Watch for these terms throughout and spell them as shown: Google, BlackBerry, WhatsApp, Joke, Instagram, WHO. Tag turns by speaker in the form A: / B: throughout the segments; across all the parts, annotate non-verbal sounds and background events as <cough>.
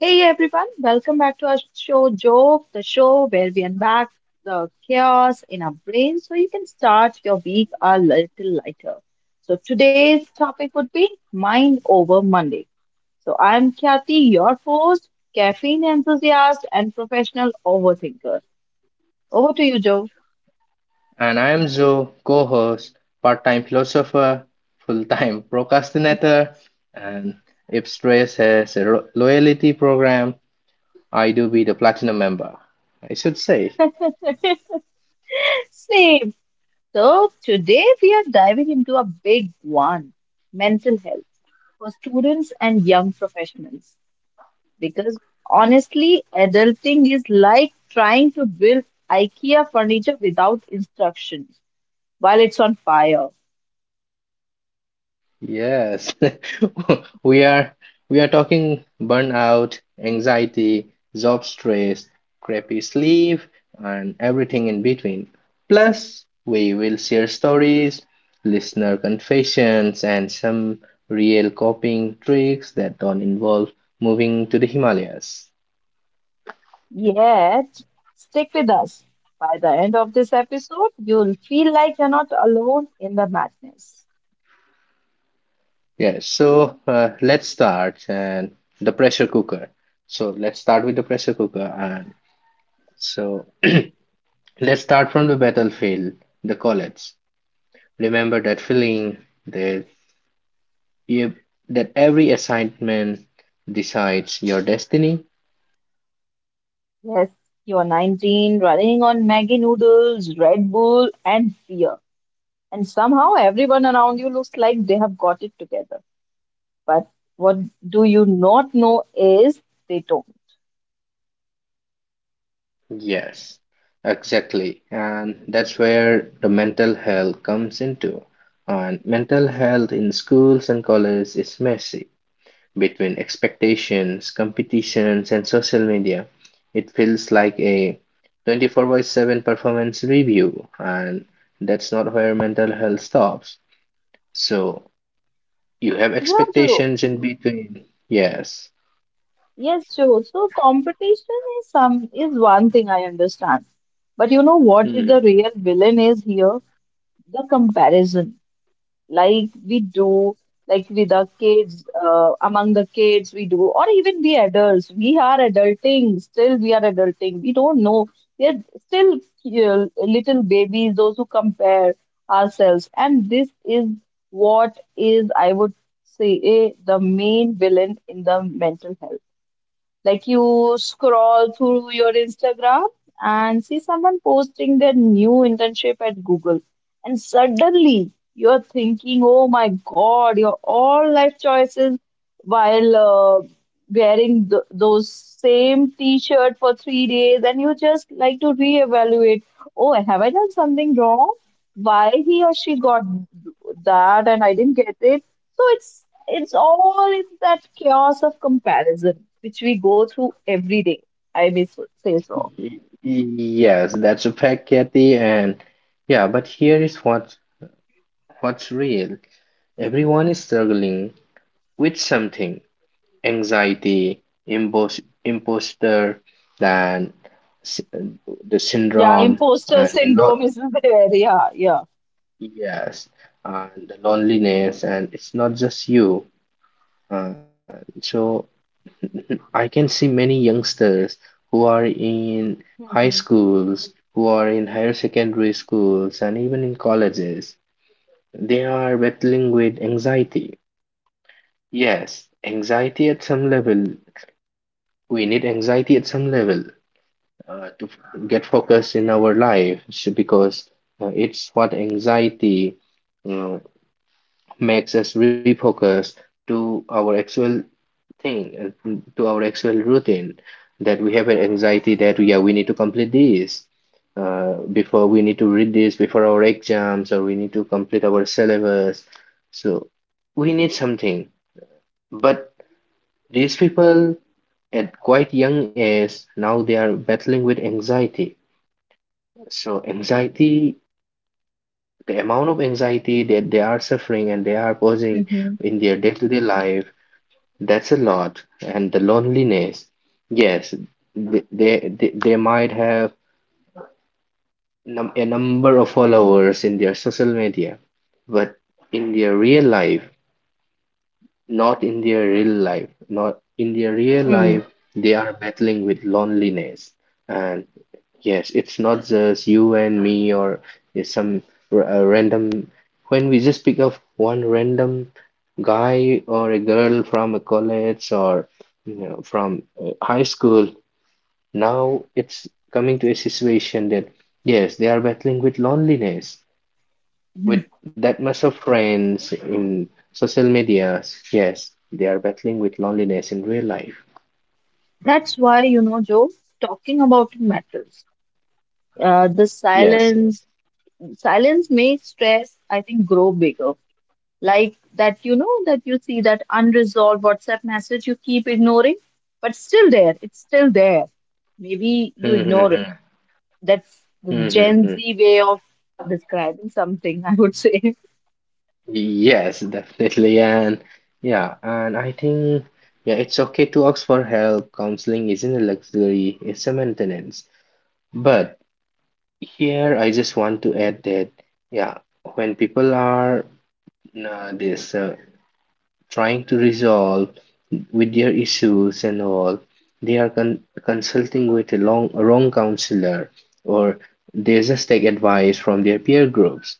A: Hey everyone, welcome back to our show Joke, the show where we unpack the chaos in our brains so you can start your week a little lighter. So today's topic would be Mind Over Monday. So I'm Kathy, your host, caffeine enthusiast, and professional overthinker. Over to you, Joe.
B: And I am Joe, co host, part time philosopher, full time <laughs> procrastinator, and if stress has a loyalty program, I do be the platinum member, I should say.
A: <laughs> Same. So today we are diving into a big one, mental health for students and young professionals. Because honestly, adulting is like trying to build IKEA furniture without instructions while it's on fire.
B: Yes, <laughs> we are we are talking burnout, anxiety, job stress, crappy sleep, and everything in between. Plus, we will share stories, listener confessions, and some real coping tricks that don't involve moving to the Himalayas.
A: Yet, stick with us. By the end of this episode, you'll feel like you're not alone in the madness.
B: Yes, so let's start and the pressure cooker. So let's start with the pressure cooker and so Let's start from the battlefield, the college. Remember that feeling that you, that every assignment decides your destiny?
A: Yes, you're 19, running on Maggie noodles, Red Bull, and beer. And somehow everyone around you looks like they have got it together. But what do you not know is they don't.
B: Yes, exactly. And that's where the mental health comes into. And mental health in schools and colleges is messy between expectations, competitions, and social media. It feels like a 24 by 7 performance review, and that's not where mental health stops. So you have
A: Raju,
B: expectations in between. Yes.
A: yes, Joe. So competition is one thing I understand. But you know what is the
B: Mhm.
A: real villain is here? The comparison. Like we do, like with the kids, among the kids we do, or even we adults. We are adulting, still we are adulting. We don't know. We are still little babies, those who compare ourselves. And this is what is, I would say, the main villain in the mental health. Like you scroll through your Instagram and see someone posting their new internship at Google. And suddenly you're thinking, oh my God, your all life choices while wearing those same t-shirt for 3 days and you just like to reevaluate, oh, have I done something wrong? Why he or she got that and I didn't get it? So it's all in that chaos of comparison which we go through every day. I say so.
B: Yes, that's a fact, Kathy, and yeah, but here is what's real. Everyone is struggling with something. Anxiety, imposter, then s- the
A: Yeah,
B: syndrome,
A: imposter
B: and the
A: syndrome
B: lot,
A: is <laughs> there. Yeah, yeah.
B: yes, and the loneliness, and it's not just you. Uh, so I can see many youngsters who are in high
A: Mhm,
B: schools, who are in higher secondary schools, and even in colleges. They are battling with anxiety. Yes, anxiety at some level. We need anxiety at some level to get focused in our life because it's what anxiety uh, makes us refocus to our actual thing, to our actual routine, that we have an anxiety that yeah we need to complete this, before we need to read this before our exams, or we need to complete our syllabus. So we need something, but these people at quite young age now they are battling with anxiety. So anxiety, the amount of anxiety that they are suffering and they are posing
A: mhm,
B: in their day-to-day life. That's a lot. And the loneliness. Yes, they might have num a number of followers in their social media, but in their real life, not in their real life, not in their real
A: mm,
B: life, they are battling with loneliness. And yes, it's not just you and me or is some a random. When we just pick up one random guy or a girl from a college or you know, from high school, now it's coming to a situation that yes, they are battling with loneliness, with
A: mhm.
B: that much of friends in social media. Yes, they are battling with loneliness in real life.
A: That's why, you know, Joe, talking about it matters. Uh, the
B: Yes, yes.
A: silence, silence makes stress, I think, grow bigger. Like that, you know, that you see that unresolved WhatsApp message you keep ignoring, but still there. It's still there. Maybe you
B: Hmm, hmm,
A: ignore it.
B: hmm.
A: That's the
B: Hmm, hmm,
A: Gen
B: hmm.
A: Z way of describing something, <laughs> I would say.
B: Yes, definitely. And yeah, and I think yeah, it's okay to ask for help. Counseling isn't a luxury, it's a maintenance. But here I just want to add that yeah, when people are this trying to resolve with their issues and all, they are consulting with a long wrong counselor, or they just take advice from their peer groups.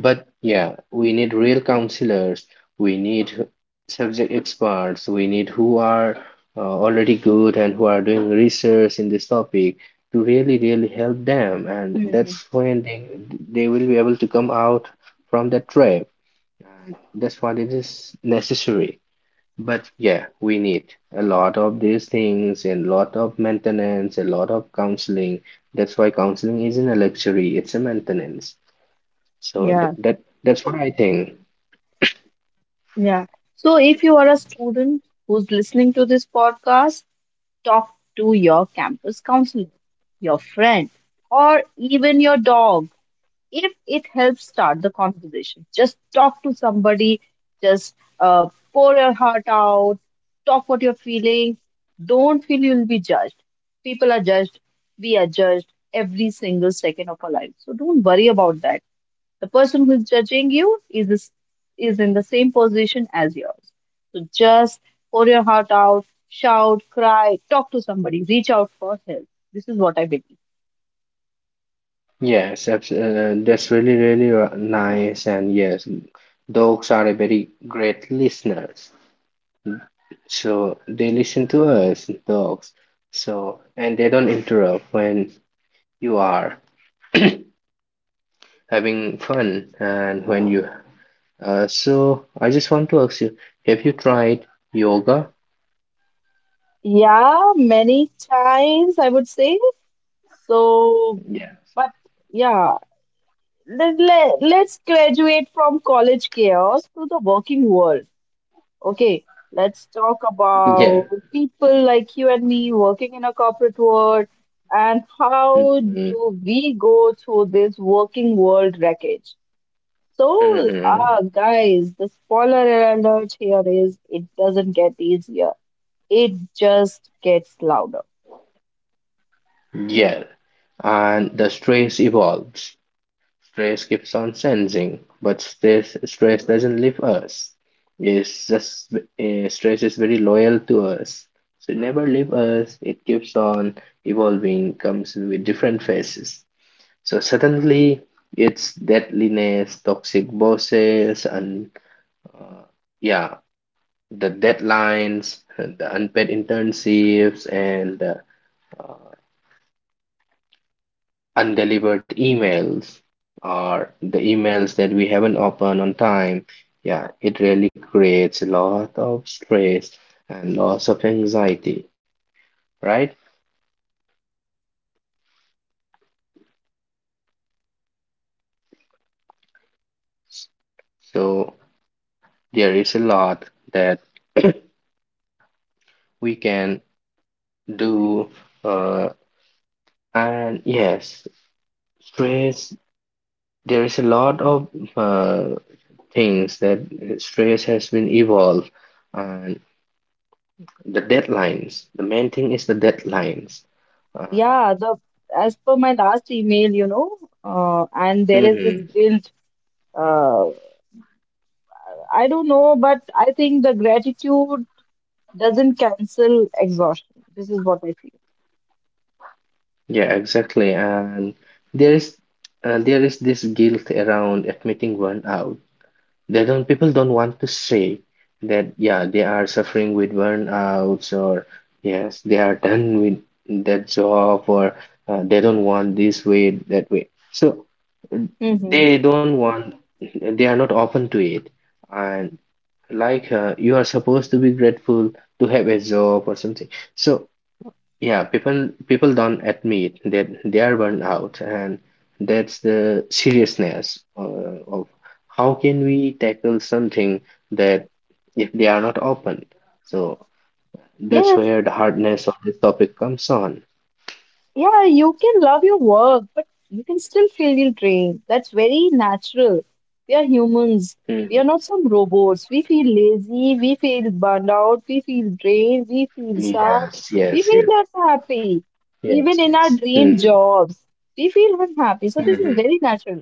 B: But yeah, we need real counselors, we need subject experts, we need who are already good and who are doing research in this topic, to really, really help them. And
A: Mhm.
B: that's when they will be able to come out from that trap. And that's what it is necessary. But yeah, we need a lot of these things and a lot of maintenance, a lot of counseling. That's why counseling isn't a luxury, it's a maintenance. So th
A: Yeah,
B: that that's what I think.
A: yeah. So if you are a student who's listening to this podcast, talk to your campus counselor, your friend, or even your dog. If it helps start the conversation. Just talk to somebody, just uh, pour your heart out, talk what you're feeling. Don't feel you'll be judged. People are judged, we are judged every single second of our life. So don't worry about that. The person who's judging you is this, is in the same position as yours. So just pour your heart out, shout, cry, talk to somebody, reach out for help. This is what I believe.
B: Yes, that's really really nice, and yes, dogs are a very great listeners. So they listen to us, dogs. So and they don't interrupt when you are <clears throat> having fun and when you. So I just want to ask you, have you tried yoga?
A: Yeah, many times I would say. So,
B: Yeah.
A: but yeah, let's graduate from college chaos to the working world. Okay, let's talk
B: Yeah.
A: about people like you and me working in a corporate world and how
B: Hmm,
A: do we go through this working world wreckage. So,
B: hmm.
A: guys, the spoiler alert here is it doesn't get easier, it just gets louder.
B: Yeah. And the stress evolves. Stress keeps on sensing, but stress doesn't leave us. It's just stress is very loyal to us. So it never leave us. It keeps on evolving, comes with different phases. So suddenly, it's deadliness, toxic bosses, and uh, yeah, the deadlines, <laughs> the unpaid internships, and uh, undelivered emails, or the emails that we haven't opened on time. Yeah, it really creates a lot of stress and lots of anxiety, right? So there is a lot that <coughs> <clears throat> we can do, uh, and yes stress, there is a lot of uh, things that stress has been evolved. And the deadlines, the main thing is the deadlines. uh,
A: Yeah, the as per my last email, you know, and there is this
B: hmm.
A: guilt. Uh, I don't know, but I think the gratitude doesn't cancel exhaustion. This is what I feel.
B: Yeah, exactly. And there is there is this guilt around admitting burnout. They don't People don't want to say that yeah they are suffering with burnouts, or yes they are done with that job, or they don't want this way that way. So uh,
A: Mm-hmm.
B: they don't want they are not open to it. And like you are supposed to be grateful to have a job or something. So yeah, people don't admit that they are burned out, and that's the seriousness of how can we tackle something that if they are not open. So that's where the hardness of this topic comes on.
A: Yeah, you can love your work, but you can still feel drained. That's very natural. We are humans. We are
B: Mhm.
A: not some robots. We feel lazy, we feel burned out, we feel drained, we feel sad,
B: Yes,
A: we
B: yes,
A: feel
B: yes,
A: less happy. Even
B: yes,
A: in our
B: yes.
A: dream
B: Mhm,
A: jobs, we feel unhappy. So this is
B: mhm,
A: very natural.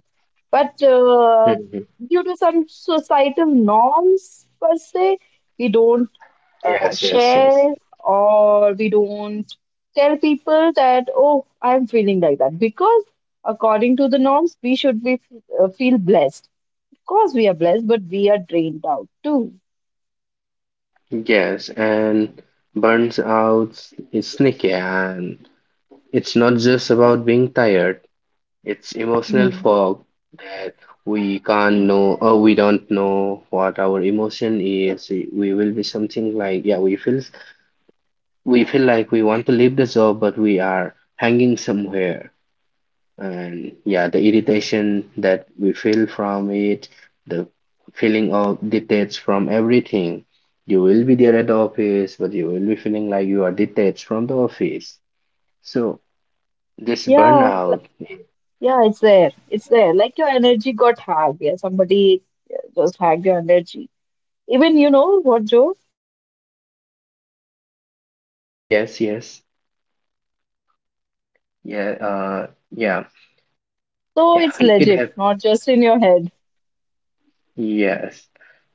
A: But
B: mhm.
A: due to some societal norms per se, we don't
B: Yes, yes,
A: share
B: yes.
A: or we don't tell people that, oh, I'm feeling like that. Because according to the norms, we should be feel blessed. Of course, we are blessed, but we are drained out too.
B: Yes, and burns out is sneaky, and it's not just about being tired. It's emotional
A: Hmm.
B: fog that we can't know or we don't know what our emotion is. We will be something like, yeah, we feel like we want to leave the job, but we are hanging somewhere. And yeah, the irritation that we feel from it, the feeling of detached from everything. You will be there at the office, but you will be feeling like you are detached from the office. So this
A: Yeah,
B: burnout,
A: yeah, it's there. It's there. Like your energy got hacked. Yeah, somebody just hacked your energy. Even you know what, Joe? One study from WHO even
B: yes,
A: called
B: yes.
A: burnout an occupational phenomenon.
B: Yeah,
A: <laughs> Isn't
B: yeah,
A: it funny? So
B: <laughs>
A: it's
B: it
A: legit,
B: have
A: not just in your head.
B: yes.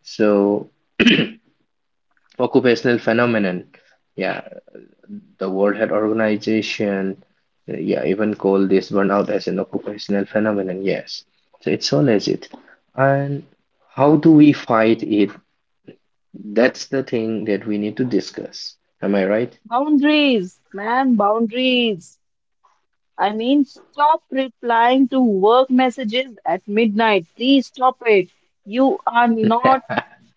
B: So, <clears throat> occupational phenomenon. Yeah, the World Health Organization. Yeah, even call this burnout as an occupational phenomenon. Yes, so it's so legit. And how do we fight it? That's the thing that we need to discuss. Am I right?
A: Boundaries, man, boundaries. I mean, stop replying to work messages at midnight. Please stop it. You are not
B: <laughs>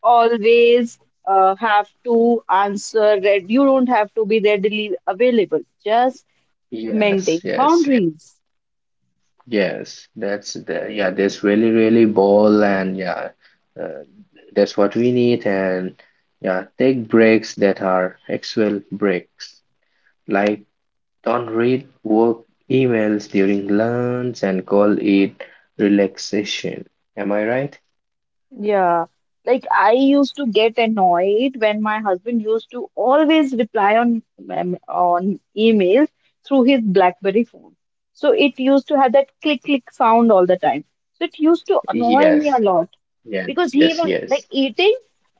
A: always have to answer. That You don't have to be readily available. Just
B: Yes,
A: maintain
B: yes,
A: boundaries.
B: yes. That's the yeah. There's really, really ball and yeah. uh, That's what we need. And yeah, take breaks that are actual breaks. Like, don't read work emails during lunch and call it relaxation. Am I right?
A: Yeah, like I used to get annoyed when my husband used to always reply on emails through his BlackBerry phone. So it used to have that click click sound all the time. So it used to annoy me
B: Yes,
A: a lot
B: yes,
A: because he
B: yes,
A: was like
B: yes.
A: eating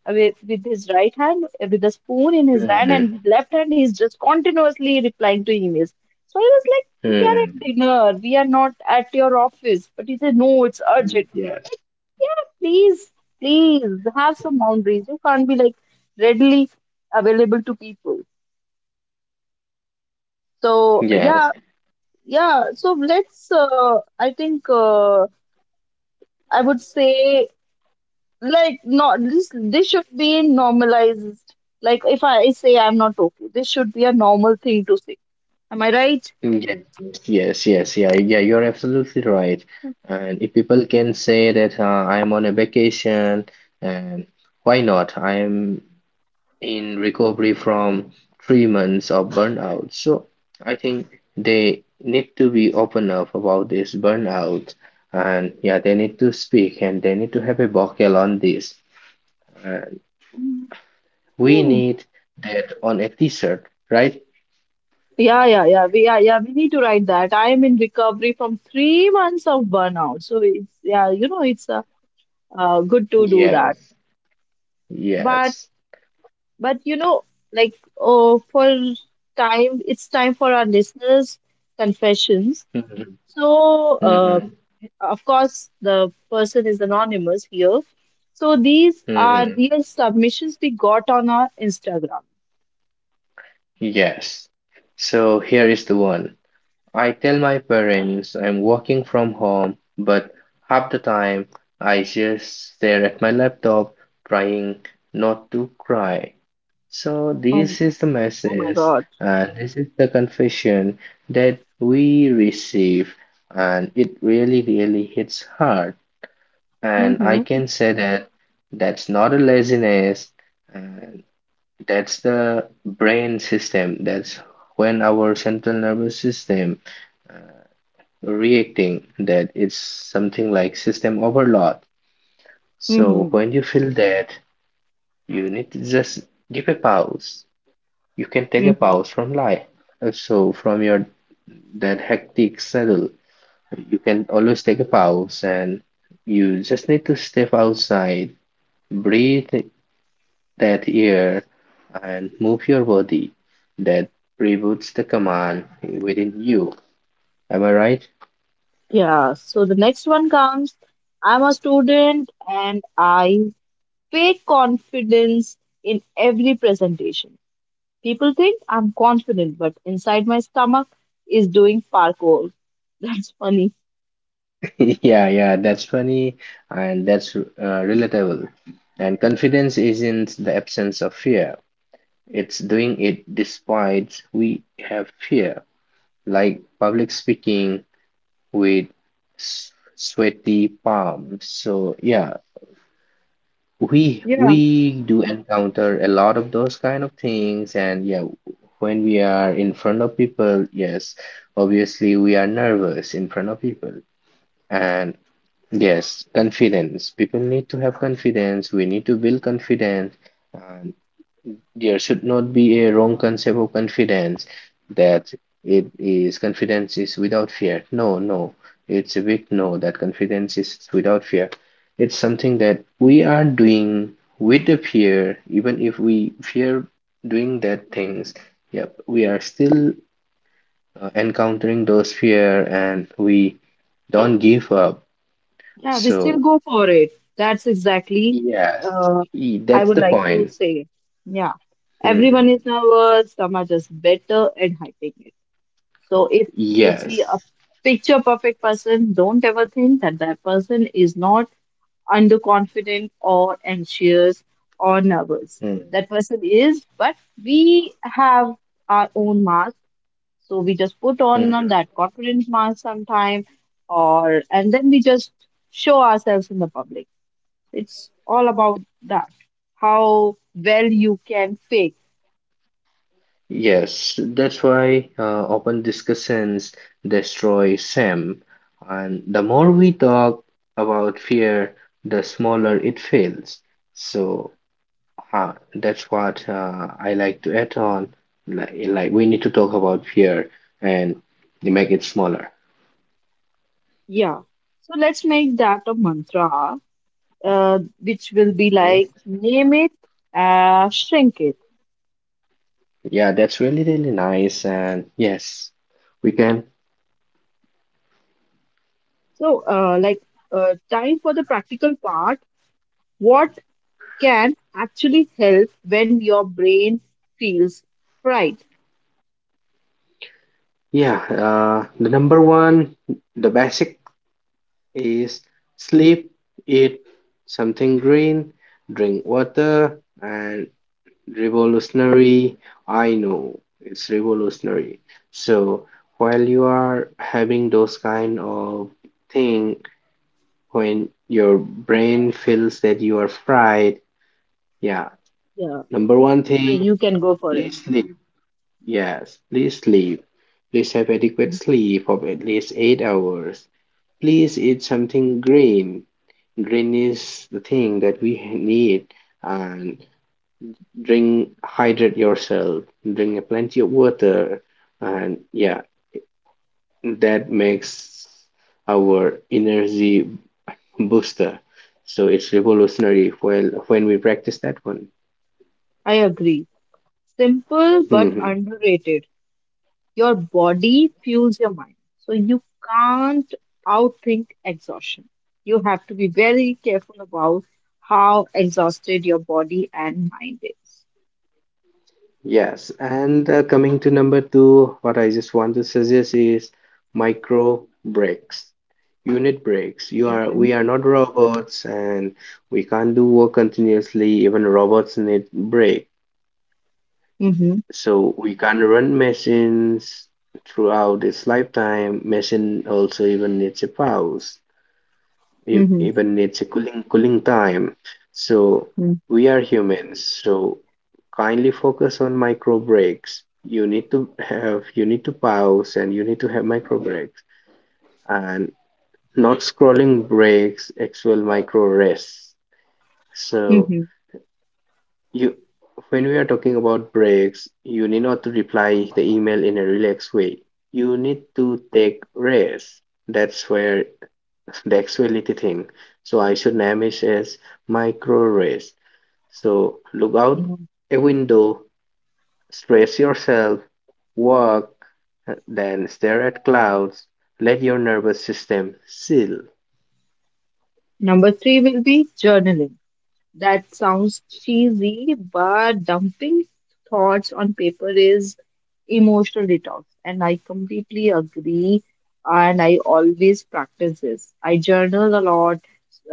A: with his right hand with a spoon in his hand
B: Mhm,
A: and with left hand he's just continuously replying to emails. So I was like we are at
B: mhm.
A: dinner, we are not at your office, but he said no, it's urgent.
B: Yes,
A: Like yeah, please, please have some boundaries. You can't be like readily available to people. So yeah,
B: yes,
A: yeah. So let's I think I would say, like not this should be normalized. Like if I say I'm not okay, this should be a normal thing to say, am I right?
B: yes, yes, yes, yeah, yeah, you're absolutely right. And if people can say that I'm on a vacation, and why not? I'm in recovery from 3 months of burnout. So I think they need to be open up about this burnout, and yeah, they need to speak and they need to have a vocal on this. And we
A: Hmm.
B: need that on a t-shirt, right?
A: Yeah, yeah, yeah, we yeah, yeah, we need to write that I am in recovery from 3 months of burnout. So it's yeah, you know, it's good to do that.
B: Yes,
A: but
B: yes.
A: but you know, like, oh, for time, it's time for our listeners confessions.
B: Mm-hmm.
A: So,
B: Mm-hmm.
A: of course, the person is anonymous here. So, these are
B: Mm-hmm.
A: real submissions we got on our Instagram.
B: Yes. So here is the one. I tell my parents I'm working from home, but half the time I just stare at my laptop trying not to cry. So,
A: Um,
B: this is the
A: oh my
B: message
A: God.
B: and this is the confession that we receive, and it really, really hits hard. And I
A: Mm-hmm,
B: can say that that's not a laziness, and that's the brain system, that's when our central nervous system reacting that it's something like system overload. So
A: mm-hmm,
B: when you feel that, you need to just give a pause. You can take a
A: mm-hmm.
B: pause from life. So from your that hectic schedule, you can always take a pause, and you just need to step outside, breathe that air and move your body. That reboots the command within you. Am I right?
A: Yeah. So, the next one comes, I'm a student and I fake confidence in every presentation. People think I'm confident, but inside my stomach is doing parkour. <laughs> That's funny.
B: <laughs> Yeah, yeah, that's funny and that's relatable. And confidence isn't the absence of fear, it's doing it despite we have fear, like public speaking with sweaty palms. So, yeah, we do encounter a lot of those kind of things and yeah, when we are in front of people, yes, obviously we are nervous in front of people. And yes, confidence. People need to have confidence. We need to build confidence. And there should not be a wrong concept of confidence that it is confidence is without fear. No, no. It's a big no that confidence is without fear. It's something that we are doing with the fear, even if we fear doing that things. Yep, we are still encountering those fear and we don't give up.
A: Yeah, we still
B: So
A: go for it. That's exactly
B: yes,
A: uh, I
B: that's
A: would
B: the
A: like to
B: point.
A: say. Yeah, everyone
B: Mhm.
A: is nervous. Some are just better at hiding it. So if you see
B: Yes.
A: a picture perfect person, don't ever think that that person is not underconfident or anxious or nervous.
B: Mhm.
A: That person is, but we have our own mask, so we just put on
B: Mhm.
A: that confidence mask sometime, or and then we just show ourselves in the public. It's all about that, how well you can fake.
B: Yes, that's why open discussions destroy Sam. And the more we talk about fear, the smaller it feels. So that's what I like to add on. Like, we need to talk about fear and make it smaller.
A: Yeah. So let's make that a mantra, which will be like
B: Mhm.
A: name it, shrink it.
B: Yeah, that's really, really nice. And yes, we can.
A: So like time for the practical part. What can actually help when your brain feels fright?
B: Yeah, the number one, the basic is sleep, eat something green, drink water, and revolutionary. I know it's revolutionary. So while you are having those kind of thing, when your brain feels that you are fried, yeah,
A: Yeah.
B: number one
A: So
B: thing,
A: you can go for it.
B: please sleep. Yes, please sleep. Please have adequate sleep of at least 8 hours. Please eat something green. Green is the thing that we need. And drink, hydrate yourself. Drink plenty of water. And yeah, that makes our energy booster. So it's revolutionary when we practice that one.
A: I agree. Simple but
B: Hmm.
A: underrated. Your body fuels your mind. So you can't outthink exhaustion. You have to be very careful about how exhausted your body and mind is.
B: Yes, and coming to number two, what I just want to suggest is micro breaks, unit breaks. You are
A: Mm-hmm.
B: We are not robots, and we can't do work continuously. Even robots need break.
A: Mm-hmm.
B: So we can't run machines throughout its lifetime. Machine also even needs a pause,
A: Mm-hmm.
B: even it's a cooling time. So we are humans, so kindly focus on micro breaks. You need to have, you need to pause and you need to have micro breaks, and not scrolling breaks, actual micro rests. So
A: Mm-hmm.
B: you, when we are talking about breaks, you need not to reply the email in a relaxed way. You need to take rest. That's where the actuality thing. So I should name it as micro rest. So look out
A: Mm-hmm.
B: a window, stretch yourself, walk, then stare at clouds. Let your nervous system chill.
A: Number three will be journaling. That sounds cheesy, but dumping thoughts on paper is emotional detox. And I completely agree. And I always practice this. I journal a lot.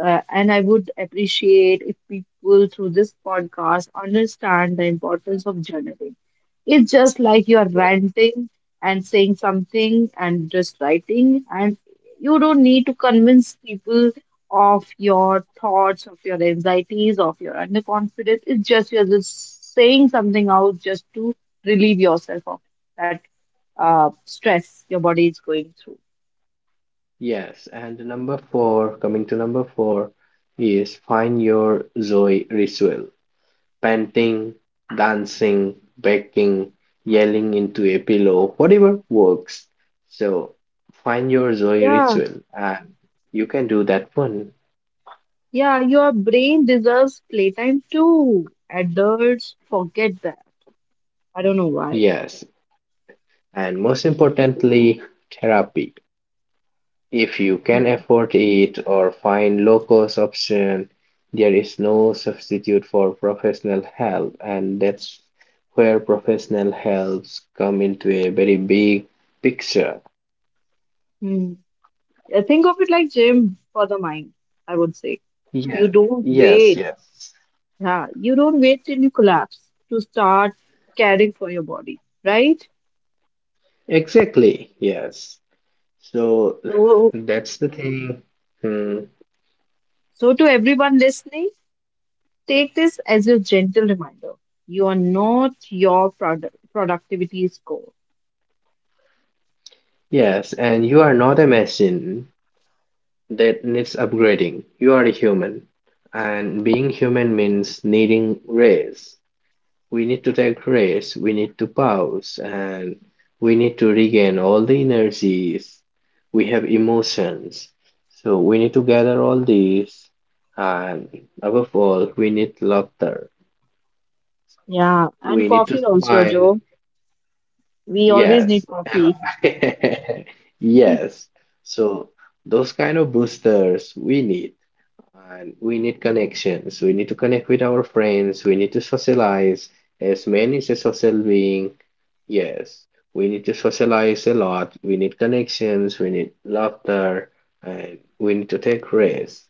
A: And I would appreciate if people through this podcast understand the importance of journaling. It's just like you're
B: Yeah.
A: ranting and saying something and just writing, and you don't need to convince people of your thoughts, of your anxieties, of your underconfidence. It's just you're just saying something out just to relieve yourself of that stress your body is going through.
B: Yes, and number four, coming to number four, is find your joy ritual. Painting, dancing, baking, yelling into a pillow, whatever works. So find your joy
A: Yeah,
B: ritual, and you can do that one.
A: yeah, your brain deserves playtime too. Adults forget that. I don't know why.
B: Yes, and most importantly, therapy. If you can
A: Hmm.
B: afford it or find low-cost option, there is no substitute for professional help, and that's where professional helps come into a very big picture.
A: Hmm. Yeah, think of it like gym for the mind, I would say. You
B: Yeah.
A: don't
B: Yes,
A: wait.
B: yes.
A: Yeah, you don't wait till you collapse to start caring for your body, right?
B: Exactly. Yes. So
A: So
B: <laughs> that's the thing. Hmm.
A: so, to everyone listening, take this as a gentle reminder. You are not your productivity score.
B: Yes, and you are not a machine that needs upgrading. You are a human, and being human means needing rest. We need to take rest, we need to pause, and we need to regain all the energies. We have emotions. So we need to gather all these, and above all, we need laughter.
A: Yeah, and
B: We need to
A: coffee also,
B: smile.
A: Joe. We always
B: Yes.
A: need
B: Hello.
A: coffee.
B: <laughs> Yes. So those kind of boosters we need. And we need connections. We need to connect with our friends. We need to socialize. As man is a social being, yes, we need to socialize a lot. We need connections. We need laughter, and we need to take risks.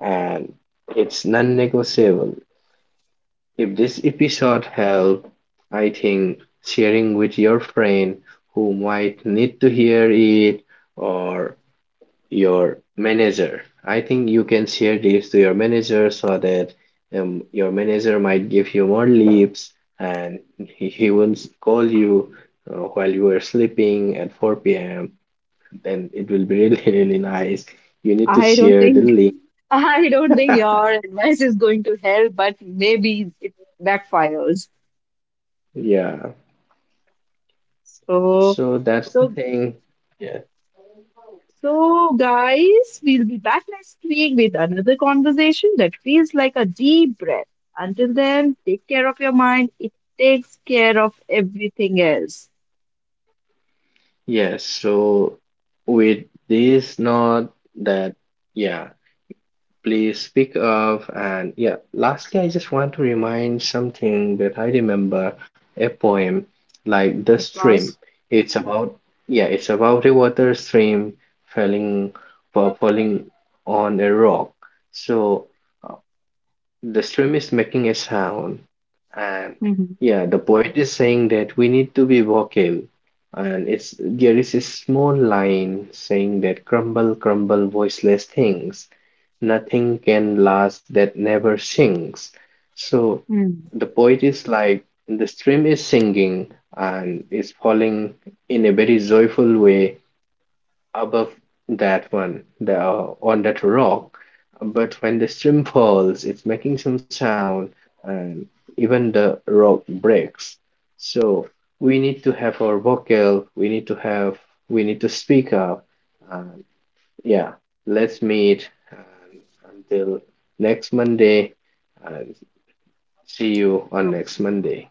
B: And it's non-negotiable. If this episode helped, I think sharing with your friend who might need to hear it, or your manager. I think you can share this to your manager so that your manager might give you more leaves and he won't call you while you are sleeping at 4 p.m. Then it will be really, <laughs> really nice. You
A: <laughs>
B: need to
A: I don't
B: share the
A: think
B: link.
A: I don't think your advice is going to help, but maybe it backfires.
B: Yeah.
A: So,
B: So that's the
A: so,
B: thing. Yeah.
A: so, guys, we'll be back next week with another conversation that feels like a deep breath. Until then, take care of your mind. It takes care of everything else.
B: Yes. So with this, not that. Yeah. Please speak up. And yeah, lastly, I just want to remind something, that I remember a poem like The
A: Of
B: Stream.
A: course.
B: It's about, yeah, it's about a water stream falling, falling on a rock. So uh, the stream is making a sound. And
A: Mhm.
B: yeah, the poet is saying that we need to be vocal. And it's there is a small line saying that crumble, crumble, voiceless things nothing can last that never sinks. So
A: Mhm.
B: the poet is like the stream is singing and is falling in a very joyful way above that one, the on that rock. But when the stream falls, it's making some sound and even the rock breaks. So we need to have our vocal, we need to have, we need to speak up. And yeah, let's meet and until next Monday, and see you on next Monday.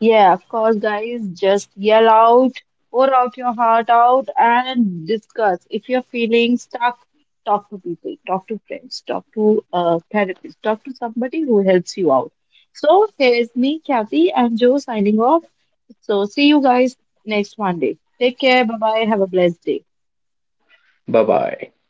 A: Yeah, of course, guys. Just yell out, pour out your heart out, and discuss. If you're feeling stuck, talk to people, talk to friends, talk to a therapist, talk to somebody who helps you out. So here's me, Kathy, and Joe signing off. So see you guys next Monday. Take care. Bye bye. Have a blessed day.
B: Bye bye.